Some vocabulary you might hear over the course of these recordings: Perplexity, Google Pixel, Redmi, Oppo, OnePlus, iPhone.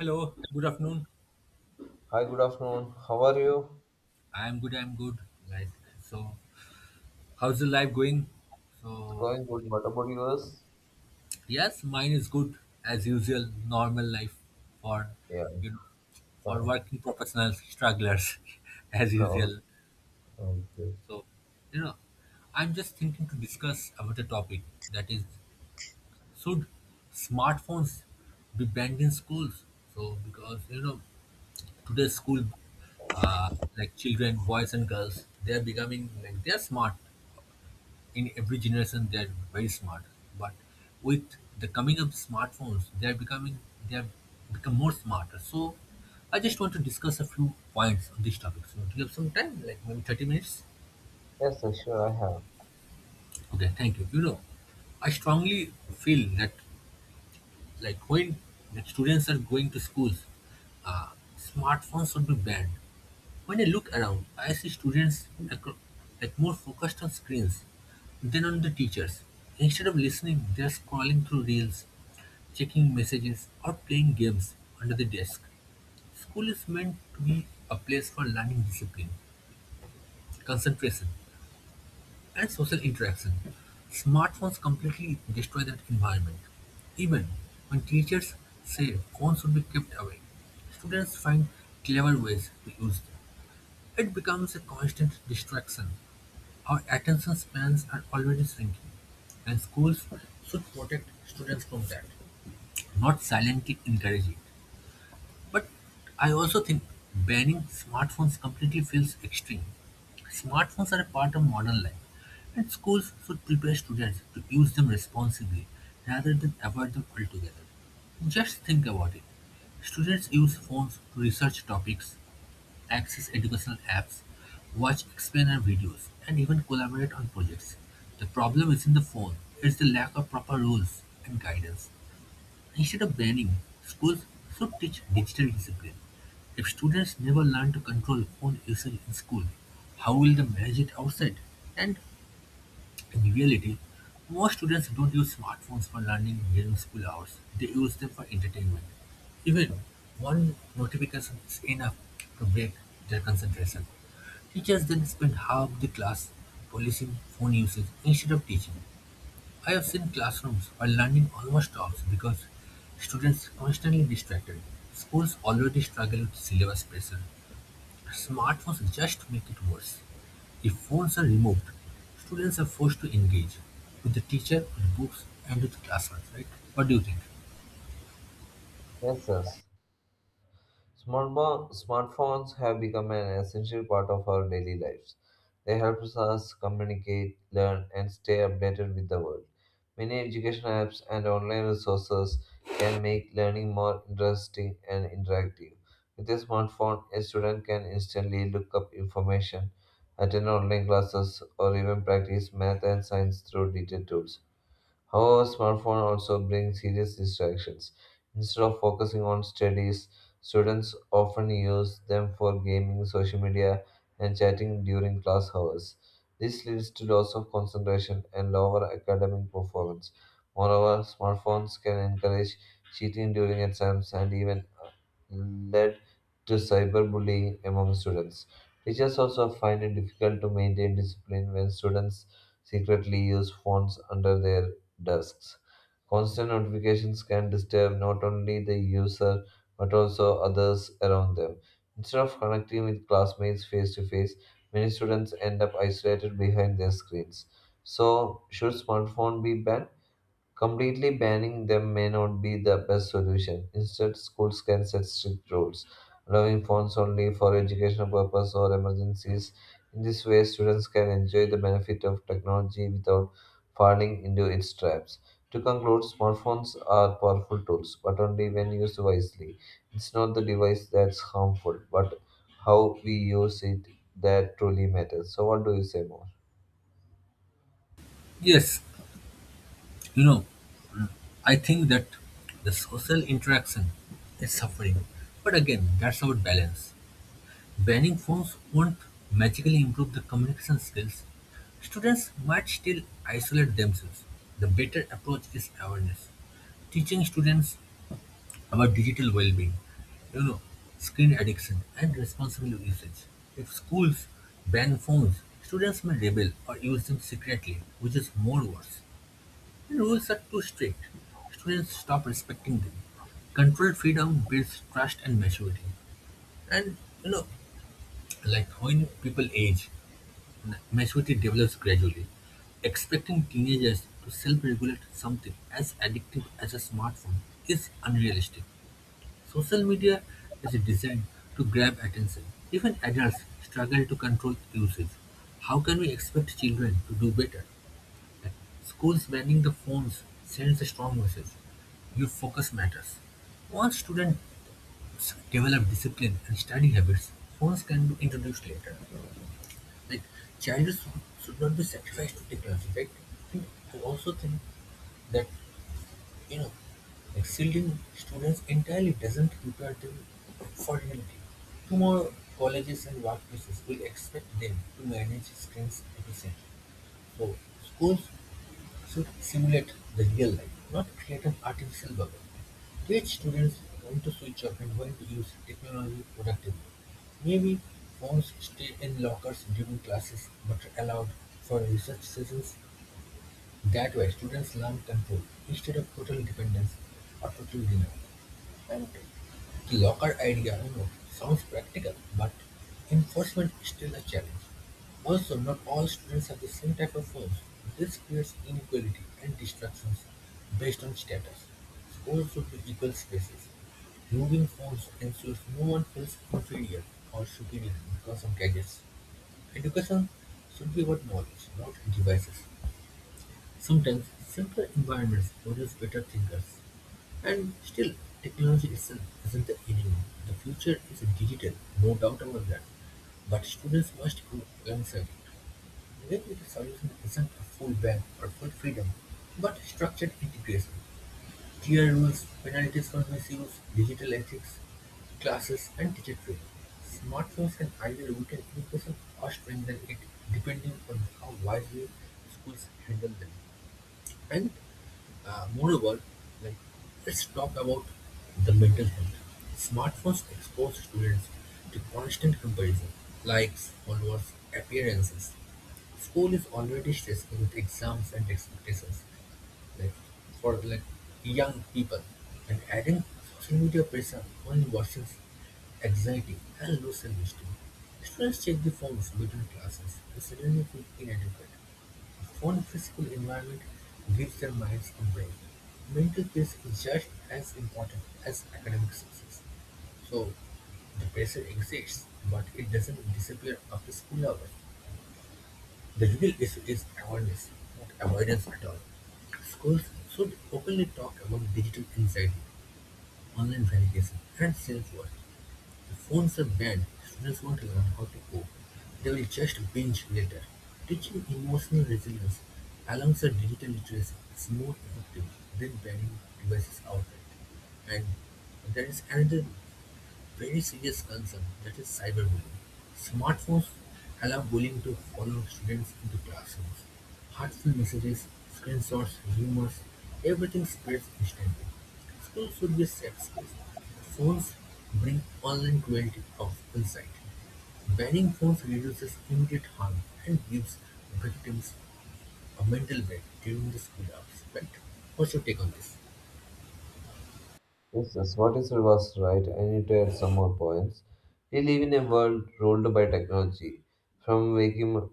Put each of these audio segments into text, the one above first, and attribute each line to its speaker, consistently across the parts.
Speaker 1: Hello, good afternoon.
Speaker 2: Hi, good afternoon. How are you?
Speaker 1: I am good, I am good. Like, so, how's the life going?
Speaker 2: It's
Speaker 1: So,
Speaker 2: going good. What about yours?
Speaker 1: yes, mine is good as usual, normal life for,
Speaker 2: Yeah, it's
Speaker 1: you know, for
Speaker 2: fine.
Speaker 1: working professionals, strugglers, as
Speaker 2: Oh,
Speaker 1: usual.
Speaker 2: okay.
Speaker 1: So, you know, I'm just thinking to discuss about a topic that is, should smartphones be banned in schools? Because, today's school, uh, like children, boys and girls, they're smart. In every generation, they are very smart, but with the coming of smartphones, they are becoming they have become more smarter. So, I just want to discuss a few points on this topic. So, do you have some time, like maybe 30 minutes?
Speaker 2: Yes, sir, sure, I have.
Speaker 1: Okay, thank you. I strongly feel that when the students are going to schools, uh, smartphones should be banned. When I look around, I see students like more focused on screens than on the teachers. Instead of listening, they are scrolling through reels, checking messages, or playing games under the desk. School is meant to be a place for learning discipline, concentration, and social interaction. Smartphones completely destroy that environment. Even when teachers say phones should be kept away, students find clever ways to use them. It becomes a constant distraction; our attention spans are already shrinking, and schools should protect students from that, not silently encourage it. But I also think banning smartphones completely feels extreme. Smartphones are a part of modern life, and schools should prepare students to use them responsibly rather than avoid them altogether. Just think about it. Students use phones to research topics, access educational apps, watch explainer videos, and even collaborate on projects. The problem isn't the phone, it's the lack of proper rules and guidance. Instead of banning, schools should teach digital discipline. If students never learn to control phone usage in school, how will they manage it outside? And in reality, most students don't use smartphones for learning during school hours. They use them for entertainment. Even one notification is enough to break their concentration. Teachers then spend half the class policing phone usage instead of teaching. I have seen classrooms where learning almost stops because students constantly distracted. Schools already struggle with syllabus pressure. Smartphones just make it worse. If phones are removed, students are forced to engage with the teacher, with books, and with classrooms, right? What do you think?
Speaker 2: Yes, yes. Smartphones have become an essential part of our daily lives. They help us communicate, learn, and stay updated with the world. Many education apps and online resources can make learning more interesting and interactive. With a smartphone, a student can instantly look up information, attend online classes, or even practice math and science through digital tools. However, smartphone also bring serious distractions. Instead of focusing on studies, students often use them for gaming, social media, and chatting during class hours. This leads to loss of concentration and lower academic performance. Moreover, smartphones can encourage cheating during exams and even led to cyberbullying among students. Teachers also find it difficult to maintain discipline when students secretly use phones under their desks. Constant notifications can disturb not only the user but also others around them. Instead of connecting with classmates face to face, many students end up isolated behind their screens. So, should smartphone be banned? Completely banning them may not be the best solution. Instead, schools can set strict rules, allowing phones only for educational purpose or emergencies. In this way, students can enjoy the benefit of technology without falling into its traps. To conclude, smartphones are powerful tools, but only when used wisely. It's not the device that's harmful, but how we use it that truly matters. So, what do you say more?
Speaker 1: Yes. You know, I think that the social interaction is suffering. But again, that's about balance. Banning phones won't magically improve the communication skills. Students might still isolate themselves. The better approach is awareness. Teaching students about digital well-being, you know, screen addiction and responsible usage. If schools ban phones, students may rebel or use them secretly, which is more worse. The rules are too strict. Students stop respecting them. Controlled freedom builds trust and maturity. And you know, when people age, maturity develops gradually. Expecting teenagers to self-regulate something as addictive as a smartphone is unrealistic. Social media is designed to grab attention. Even adults struggle to control usage. How can we expect children to do better? Like, Schools banning the phones sends a strong message. Your focus matters. Once students develop discipline and study habits, phones can be introduced later. Like childhood should not be sacrificed to technology, right? And I also think that you know, excelling students entirely doesn't prepare them for reality. Tomorrow, colleges and workplaces will expect them to manage strengths efficiently. So, schools should simulate the real life, not create an artificial bubble. Teach students when to switch off and when to use technology productively. Maybe phones stay in lockers during classes but are allowed for research sessions. That way, students learn control instead of total dependence or total denial. The locker idea sounds practical, but enforcement is still a challenge. Also, not all students have the same type of phones. This creates inequality and distractions based on status. Schools should be equal spaces. Removing phones ensures no one feels inferior or superior because of gadgets. Education should be about knowledge, not devices. Sometimes, simpler environments produce better thinkers. And still, technology itself isn't the enemy. The future is digital, no doubt about that. But students must grow alongside it. Maybe the solution isn't a full ban or full freedom, but structured integration. Clear rules, penalties for misuse, digital ethics, classes, and teacher training. Smartphones and ideal weekend education or strengthen it depending on how wisely schools handle them. And moreover, like let's talk about the mental health. Smartphones expose students to constant comparison, likes, followers, appearances. School is already stressful with exams and expectations like for young people, and adding social media pressure only worsens anxiety and low self-esteem. Students check the phones between classes and suddenly feel inadequate. A phone-free school environment gives their minds a break. Mental peace is just as important as academic success. So the pressure exists, but it doesn't disappear after school hours. The real issue is awareness, not avoidance at all. Schools should openly talk about digital anxiety, online validation, and self-worth. If phones are banned, students won't learn how to cope. They will just binge later. Teaching emotional resilience alongside digital literacy is more effective than banning devices outright. And there is another very serious concern that is cyberbullying. Smartphones allow bullying to follow students into classrooms. Hurtful messages, screenshots, rumors, everything spreads instantly. Schools should be a safe space. Phones bring online cruelty of insight. Banning phones reduces immediate harm and gives victims a mental break during the school hours. Right? What's your take on this?
Speaker 2: Yes, yes, what you said was right. I need to add some more points. We live in a world ruled by technology. From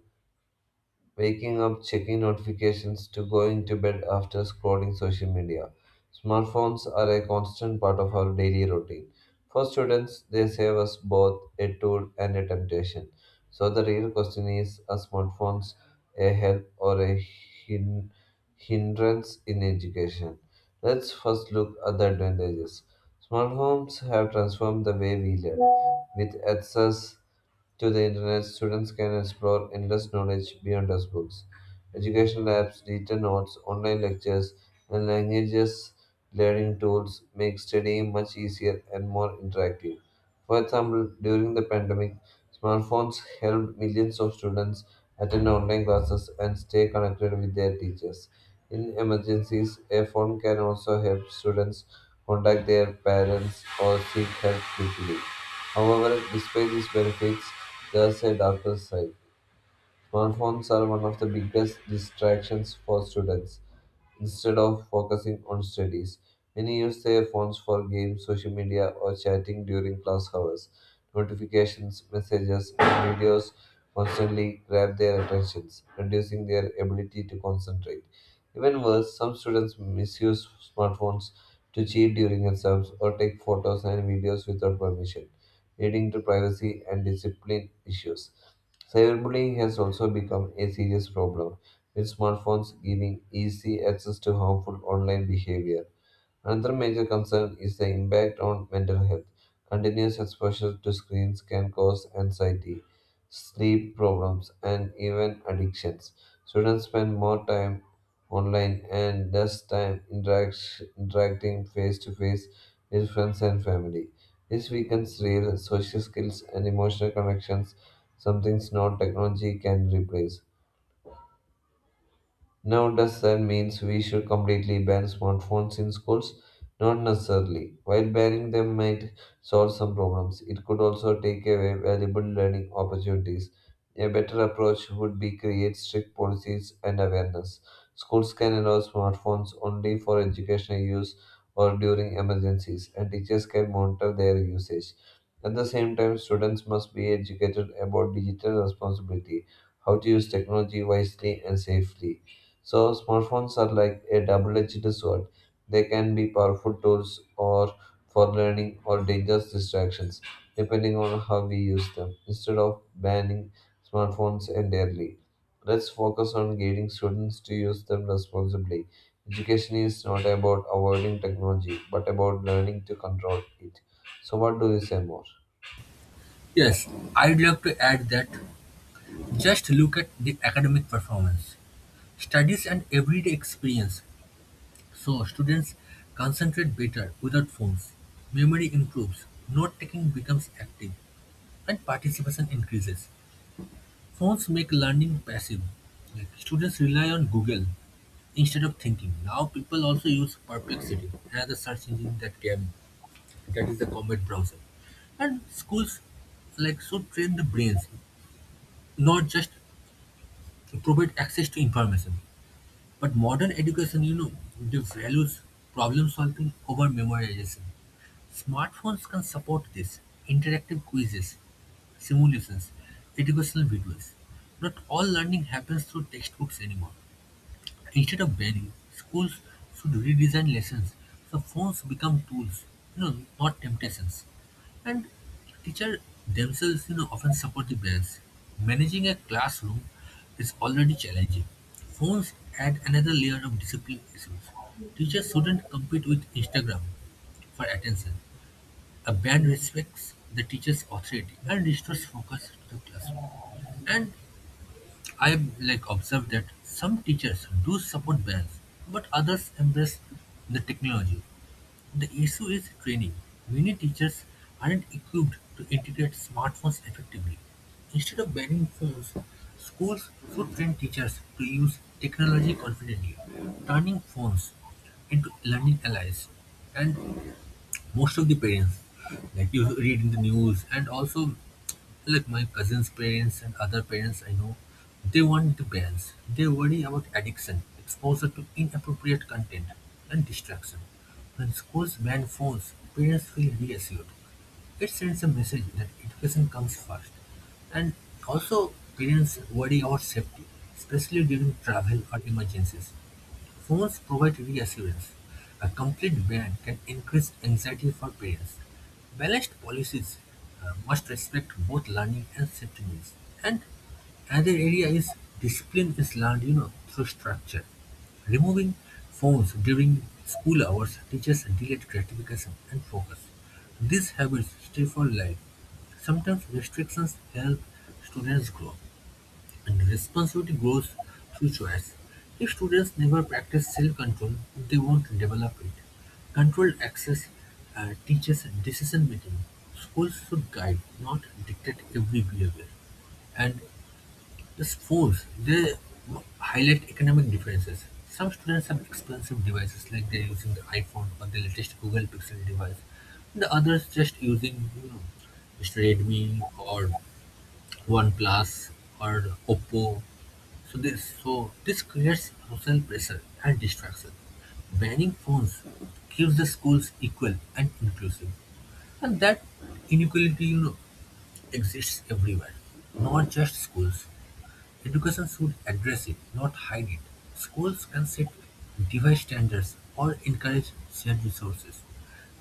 Speaker 2: waking up, checking notifications, to going to bed after scrolling social media. Smartphones are a constant part of our daily routine. For students, they save us both a tool and a temptation. So the real question is, are smartphones a help or a hin- hindrance in education? Let's first look at the advantages. Smartphones have transformed the way we learn, with access to the internet, students can explore endless knowledge beyond textbooks. Educational apps, written notes, online lectures, and languages learning tools make studying much easier and more interactive. For example, during the pandemic, smartphones helped millions of students attend online classes and stay connected with their teachers. In emergencies, a phone can also help students contact their parents or seek help quickly. However, despite these benefits, there's a darker side. Smartphones are one of the biggest distractions for students. Instead of focusing on studies, many use their phones for games, social media, or chatting during class hours. Notifications, messages, and videos constantly grab their attentions, reducing their ability to concentrate. Even worse, some students misuse smartphones to cheat during exams or take photos and videos without permission, leading to privacy and discipline issues. Cyberbullying has also become a serious problem, with smartphones giving easy access to harmful online behavior. Another major concern is the impact on mental health. Continuous exposure to screens can cause anxiety, sleep problems, and even addictions. Students spend more time online and less time interacting face to face with friends and family. This weakens real social skills and emotional connections, something no technology can replace. Now, does that means we should completely ban smartphones in schools? Not necessarily. While banning them might solve some problems, it could also take away valuable learning opportunities. A better approach would be create strict policies and awareness. Schools can allow smartphones only for educational use or during emergencies, and teachers can monitor their usage. At the same time, students must be educated about digital responsibility, how to use technology wisely and safely, so, smartphones are like a double edged sword. They can be powerful tools or for learning or dangerous distractions, depending on how we use them. Instead of banning smartphones entirely, let's focus on guiding students to use them responsibly. Education is not about avoiding technology, but about learning to control it. So, what do you say more?
Speaker 1: Yes, I'd like to add that just look at the academic performance. Studies and everyday experience so students concentrate better without phones, memory improves, note taking becomes active, and participation increases. Phones make learning passive. Students rely on Google instead of thinking. Now people also use Perplexity, another search engine that can that is the Comet browser. And schools should train the brains, not just provide access to information. But modern education, they values problem solving over memorization. Smartphones can support this. Interactive quizzes, simulations, educational videos. Not all learning happens through textbooks anymore. Instead of banning, schools should redesign lessons so phones become tools, not temptations. And teachers themselves, often support the bans. Managing a classroom is already challenging. Phones add another layer of discipline issues. Teachers shouldn't compete with Instagram for attention. A ban respects the teacher's authority and restores focus to the classroom. And I've observed that some teachers do support bands, but others embrace the technology. The issue is training. Many teachers aren't equipped to integrate smartphones effectively. Instead of banning phones, schools should train teachers to use technology confidently, turning phones into learning allies. And most of the parents, like you read in the news, and also like my cousin's parents and other parents I know, they want the balance. They worry about addiction, exposure to inappropriate content, and distraction. When schools ban phones, parents feel reassured. It sends a message that education comes first. And also, parents worry about safety, especially during travel or emergencies. Phones provide reassurance; a complete ban can increase anxiety for parents. Balanced policies must respect both learning and safety needs. And another area is discipline is learned, through structure. Removing phones during school hours teaches delayed gratification and focus. These habits stay for life. Sometimes restrictions help students grow. And responsibility grows through choice. If students never practice self-control, they won't develop it. Controlled access teaches decision-making. Schools should guide, not dictate every behavior. And the sports, they highlight economic differences. Some students have expensive devices like they're using the iPhone or the latest Google Pixel device. The others just using, Mr. Redmi or OnePlus or Oppo. So this creates social pressure and distraction. Banning phones keeps the schools equal and inclusive. And that inequality, exists everywhere, not just schools. Education should address it, not hide it. Schools can set device standards or encourage shared resources.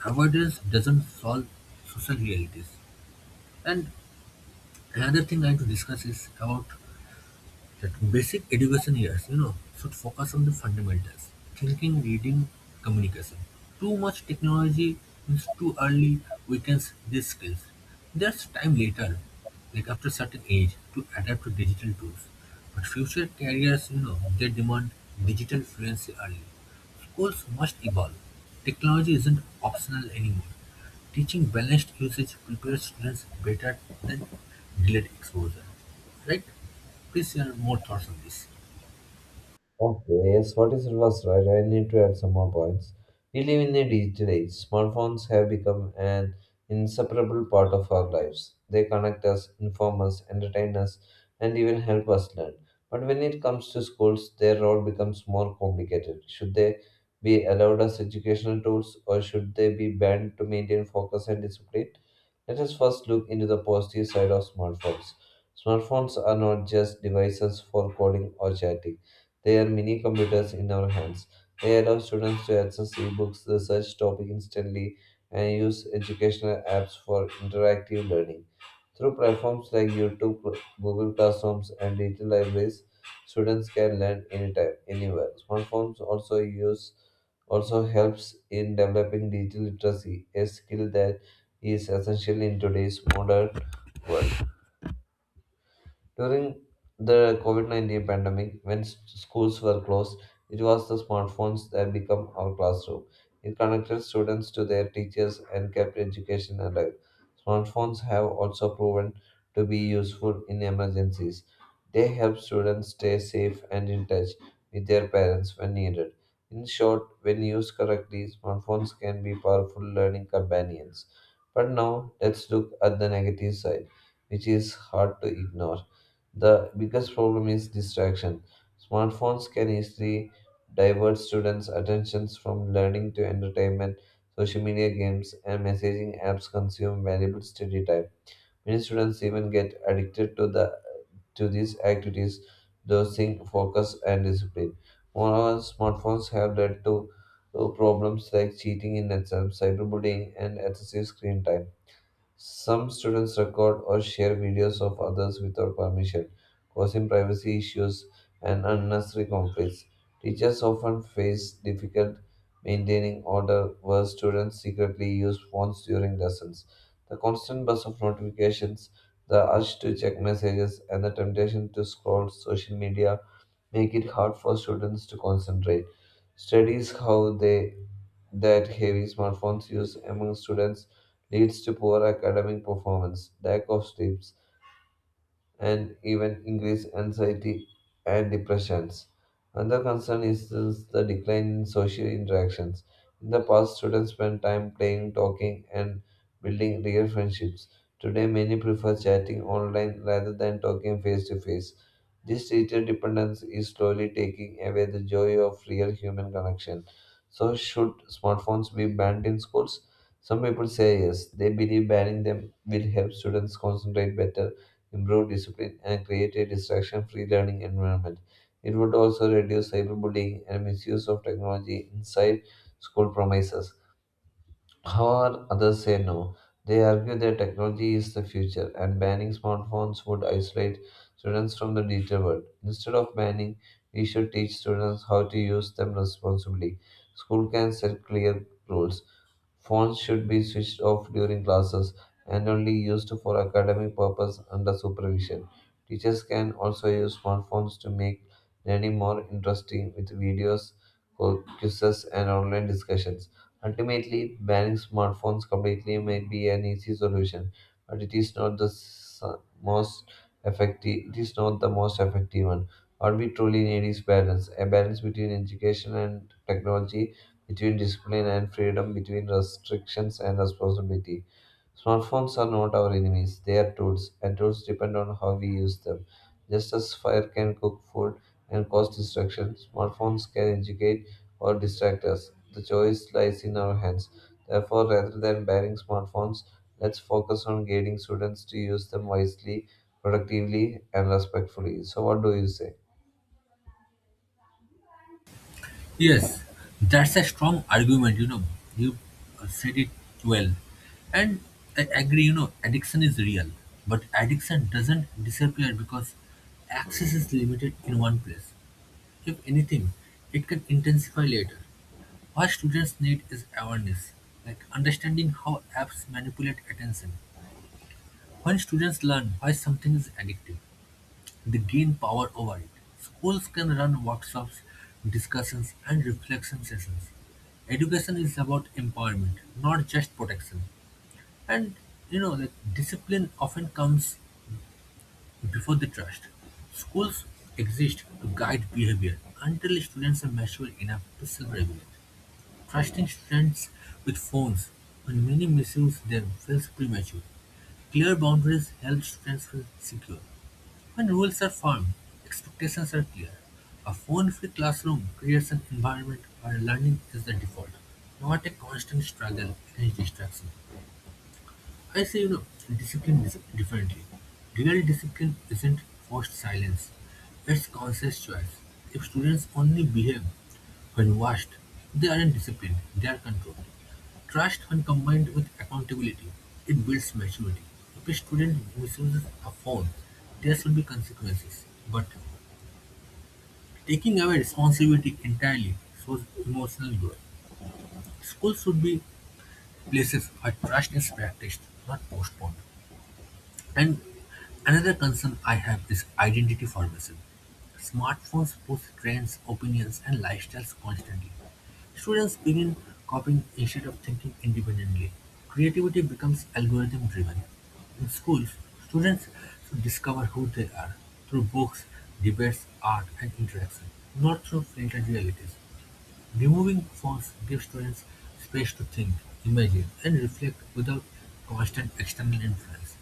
Speaker 1: Avoidance doesn't solve social realities. And another thing I want to discuss is about that basic education years, should focus on the fundamentals thinking, reading, communication. Too much technology means too early weakens these skills. There's time later, like after certain age, to adapt to digital tools. But future careers, they demand digital fluency early. Schools must evolve; technology isn't optional anymore. Teaching balanced usage prepares students better than delayed exposure. Right? Please share more thoughts on this.
Speaker 2: Okay, yes, what you said was right. I need to add some more points. We live in a digital age. Smartphones have become an inseparable part of our lives. They connect us, inform us, entertain us, and even help us learn. But when it comes to schools, their role becomes more complicated. Should they be allowed as educational tools or should they be banned to maintain focus and discipline? Let us first look into the positive side of smartphones. Smartphones are not just devices for calling or chatting, they are mini computers in our hands. They allow students to access ebooks, research topics instantly, and use educational apps for interactive learning. Through platforms like YouTube, Google Classrooms, and digital libraries, students can learn anytime, anywhere. Smartphones use also helps in developing digital literacy, a skill that is essential in today's modern world. During the COVID COVID-19 pandemic, when schools were closed, it was the smartphones that became our classroom. It connected students to their teachers and kept education alive. Smartphones have also proven to be useful in emergencies. They help students stay safe and in touch with their parents when needed. In short, when used correctly, smartphones can be powerful learning companions. But now, let's look at the negative side, which is hard to ignore. The biggest problem is distraction. Smartphones can easily divert students' attentions from learning to entertainment. Social media games and messaging apps consume valuable study time. Many students even get addicted to the to these activities, losing focus and discipline. Moreover, smartphones have led to problems like cheating in exams, cyberbullying, and excessive screen time. Some students record or share videos of others without permission, causing privacy issues and unnecessary conflicts. Teachers often face difficult maintaining order where students secretly use phones during lessons. The constant buzz of notifications, the urge to check messages, and the temptation to scroll social media make it hard for students to concentrate. Studies how they that heavy smartphones use among students leads to poor academic performance, lack of sleep, and even increased anxiety and depressions. Another concern is the decline in social interactions. In the past, students spent time playing, talking, and building real friendships. Today, many prefer chatting online rather than talking face to face. This digital dependence is slowly taking away the joy of real human connection. So, should smartphones be banned in schools? Some people say yes. They believe banning them will help students concentrate better, improve discipline, and create a distraction free learning environment. It would also reduce cyberbullying and misuse of technology inside school premises. However, others say no. They argue that technology is the future and banning smartphones would isolate students from the digital world. Instead of banning, we should teach students how to use them responsibly. School can set clear rules. Phones should be switched off during classes and only used for academic purpose under supervision. Teachers can also use smartphones to make learning more interesting with videos, quizzes, and online discussions. Ultimately, banning smartphones completely might be an easy solution, but it is not the most effective. It is not the most effective one. What we truly need is balance, a balance between education and technology, between discipline and freedom, between restrictions and responsibility. Smartphones are not our enemies; they are tools, and tools depend on how we use them. Just as fire can cook food and cause destruction, smartphones can educate or distract us. The choice lies in our hands. Therefore, rather than banning smartphones, let's focus on guiding students to use them wisely, productively, and respectfully. So, what do you say?
Speaker 1: Yes, that's a strong argument, you know. You said it well. And I agree, addiction is real. But addiction doesn't disappear because access is limited in one place. If anything, it can intensify later. What students need is awareness, like understanding how apps manipulate attention. When students learn why something is addictive, they gain power over it. Schools can run workshops, discussions, and reflection sessions. Education is about empowerment, not just protection. And discipline often comes before the trust. Schools exist to guide behavior until students are mature enough to self regulate. Trusting students with phones when many misuse them feels premature. Clear boundaries help students feel secure. When rules are firm, expectations are clear. A phone-free classroom creates an environment where learning is the default, not a constant struggle against distraction. I say, discipline is differently. Real discipline isn't forced silence, it's conscious choice. If students only behave when watched, they aren't disciplined, they are controlled. Trust, when combined with accountability, it builds maturity. If a student misuses a phone, there should be consequences. But taking away responsibility entirely shows emotional growth. Schools should be places where trust is practiced, not postponed. And another concern I have is identity formation. Smartphones push trends, opinions, and lifestyles constantly. Students begin copying instead of thinking independently. Creativity becomes algorithm driven. In schools, students should discover who they are through books, debates, art, and interaction, not through filtered realities. Removing phones gives students space to think, imagine, and reflect without constant external influence,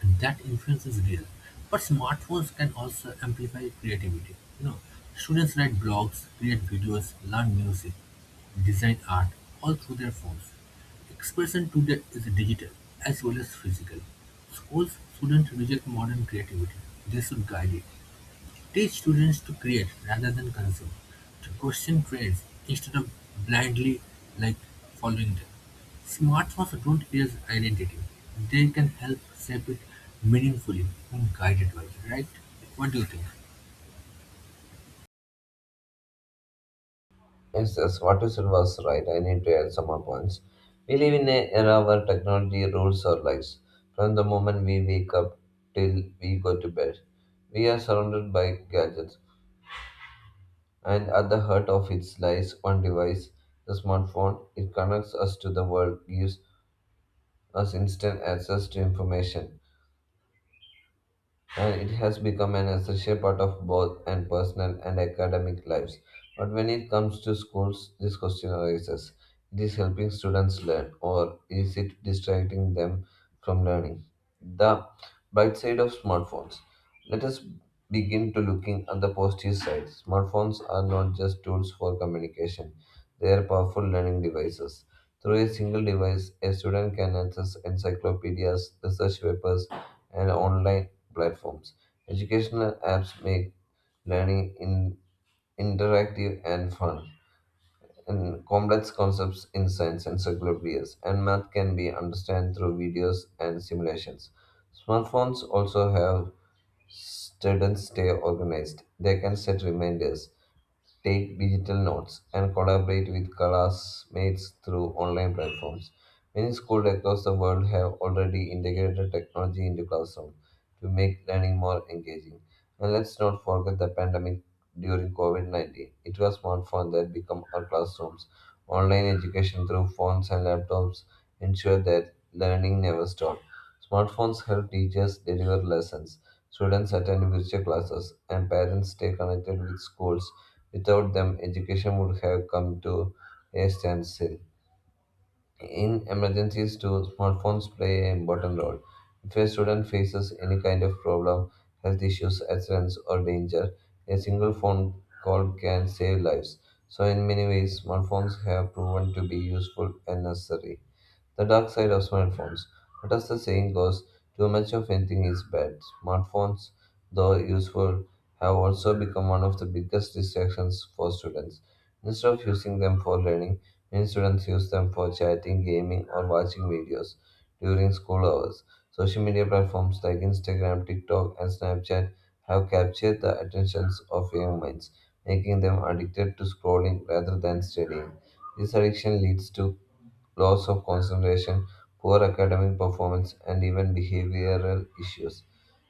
Speaker 1: and that influence is real. But smartphones can also amplify creativity. Students write blogs, create videos, learn music, design art, all through their phones. Expression today is digital as well as physical. Schools shouldn't reject modern creativity; they should guide it. Teach students to create rather than consume, to question trends instead of blindly like following them. Smart folks don't erase identity. They can help shape it meaningfully when guided by it, right? What do you think?
Speaker 2: Yes, yes, what you said was right. I need to add some more points. We live in an era where technology rules our lives. From the moment we wake up till we go to bed, we are surrounded by gadgets. And at the heart of it lies one device, the smartphone. It connects us to the world, gives as instant access to information, and it has become an essential part of both and personal and academic lives. But when it comes to schools, this question arises. It is helping students learn, or is it distracting them from learning? The bright side of smartphones. Let us begin to looking at the positive side. Smartphones are not just tools for communication. They are powerful learning devices. Through a single device, a student can access encyclopedias, research papers, and online platforms. Educational apps make learning in interactive and fun. And complex concepts in science encyclopedias and math can be understood through videos and simulations. Smartphones also help students stay organized. They can set reminders, take digital notes, and collaborate with classmates through online platforms. Many schools across the world have already integrated technology into classroom to make learning more engaging. And let's not forget the pandemic during COVID-19. It was smartphones that become our classrooms. Online education through phones and laptops ensured that learning never stopped. Smartphones help teachers deliver lessons, students attend virtual classes, and parents stay connected with schools. Without them, education would have come to a standstill. In emergencies, too, smartphones play an important role. If a student faces any kind of problem, health issues, accidents, or danger, a single phone call can save lives. So, in many ways, smartphones have proven to be useful and necessary. The dark side of smartphones. But as the saying goes, too much of anything is bad. Smartphones, though useful, have also become one of the biggest distractions for students. Instead of using them for learning, many students use them for chatting, gaming, or watching videos during school hours. Social media platforms like Instagram, TikTok, and Snapchat have captured the attentions of young minds, making them addicted to scrolling rather than studying. This addiction leads to loss of concentration, poor academic performance, and even behavioral issues.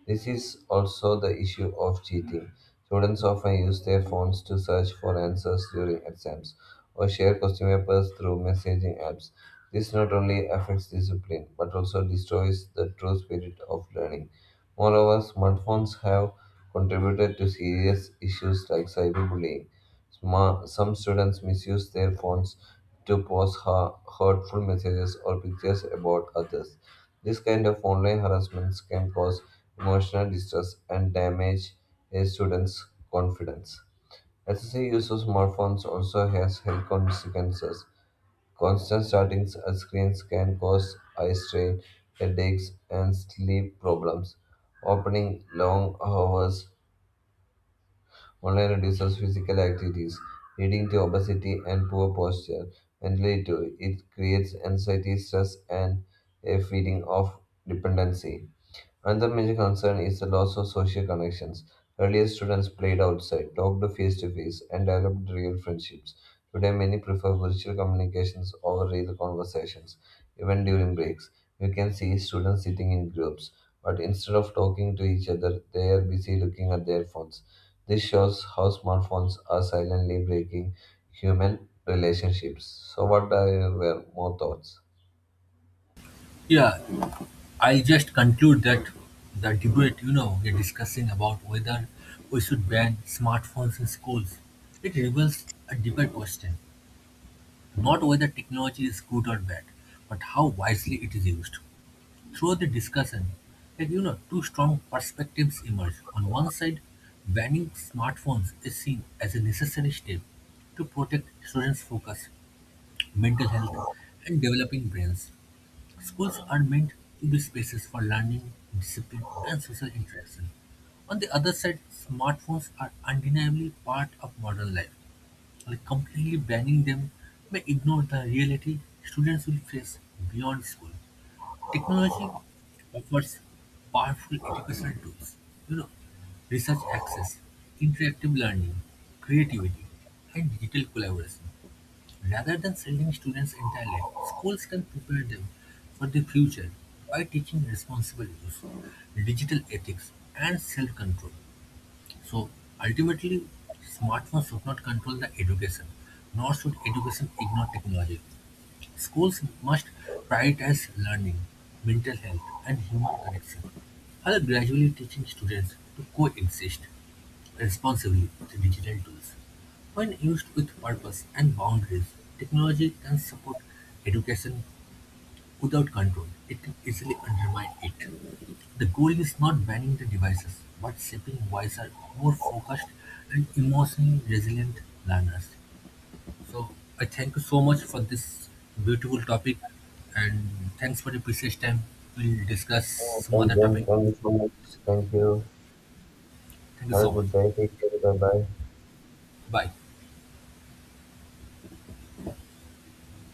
Speaker 2: This is also the issue of cheating. Students often use their phones to search for answers during exams or share question papers through messaging apps. This not only affects discipline but also destroys the true spirit of learning. Moreover, smartphones have contributed to serious issues like cyberbullying. Some students misuse their phones to post hurtful messages or pictures about others. This kind of online harassment can cause emotional distress and damage a student's confidence. Excessive use of smartphones also has health consequences. Constant starting at screens can cause eye strain, headaches, and sleep problems. Opening long hours online reduces physical activities, leading to obesity and poor posture. And later, it creates anxiety, stress, and a feeling of dependency. Another major concern is the loss of social connections. Earlier, students played outside, talked face to face, and developed real friendships. Today, many prefer virtual communications over real conversations, even during breaks. You can see students sitting in groups, but instead of talking to each other, they are busy looking at their phones. This shows how smartphones are silently breaking human relationships. So, what are your more thoughts?
Speaker 1: Yeah, I just conclude that the debate, we're discussing about whether we should ban smartphones in schools. It reveals a deeper question, not whether technology is good or bad, but how wisely it is used. Through the discussion, two strong perspectives emerge. On one side, banning smartphones is seen as a necessary step to protect students' focus, mental health, and developing brains. Schools are meant to be spaces for learning, discipline, and social interaction. On the other side, smartphones are undeniably part of modern life. Completely banning them may ignore the reality students will face beyond school. Technology offers powerful educational tools, you know, research access, interactive learning, creativity, and digital collaboration. Rather than sending students entirely, schools can prepare them for the future by teaching responsible use, digital ethics, and self-control. So ultimately, smartphones should not control the education, nor should education ignore technology. Schools must prioritize learning, mental health, and human connection, while gradually teaching students to coexist responsibly with digital tools. When used with purpose and boundaries, technology can support education. Without control, it can easily undermine it. The goal is not banning the devices, but shaping wiser, more focused, and emotionally resilient learners. So, I thank you so much for this beautiful topic, and thanks for the precious time. We'll discuss some
Speaker 2: Thank
Speaker 1: other topic.
Speaker 2: you. Thank you.
Speaker 1: Thank you
Speaker 2: Have a
Speaker 1: so much.
Speaker 2: good day. Take care. Bye bye.
Speaker 1: Bye.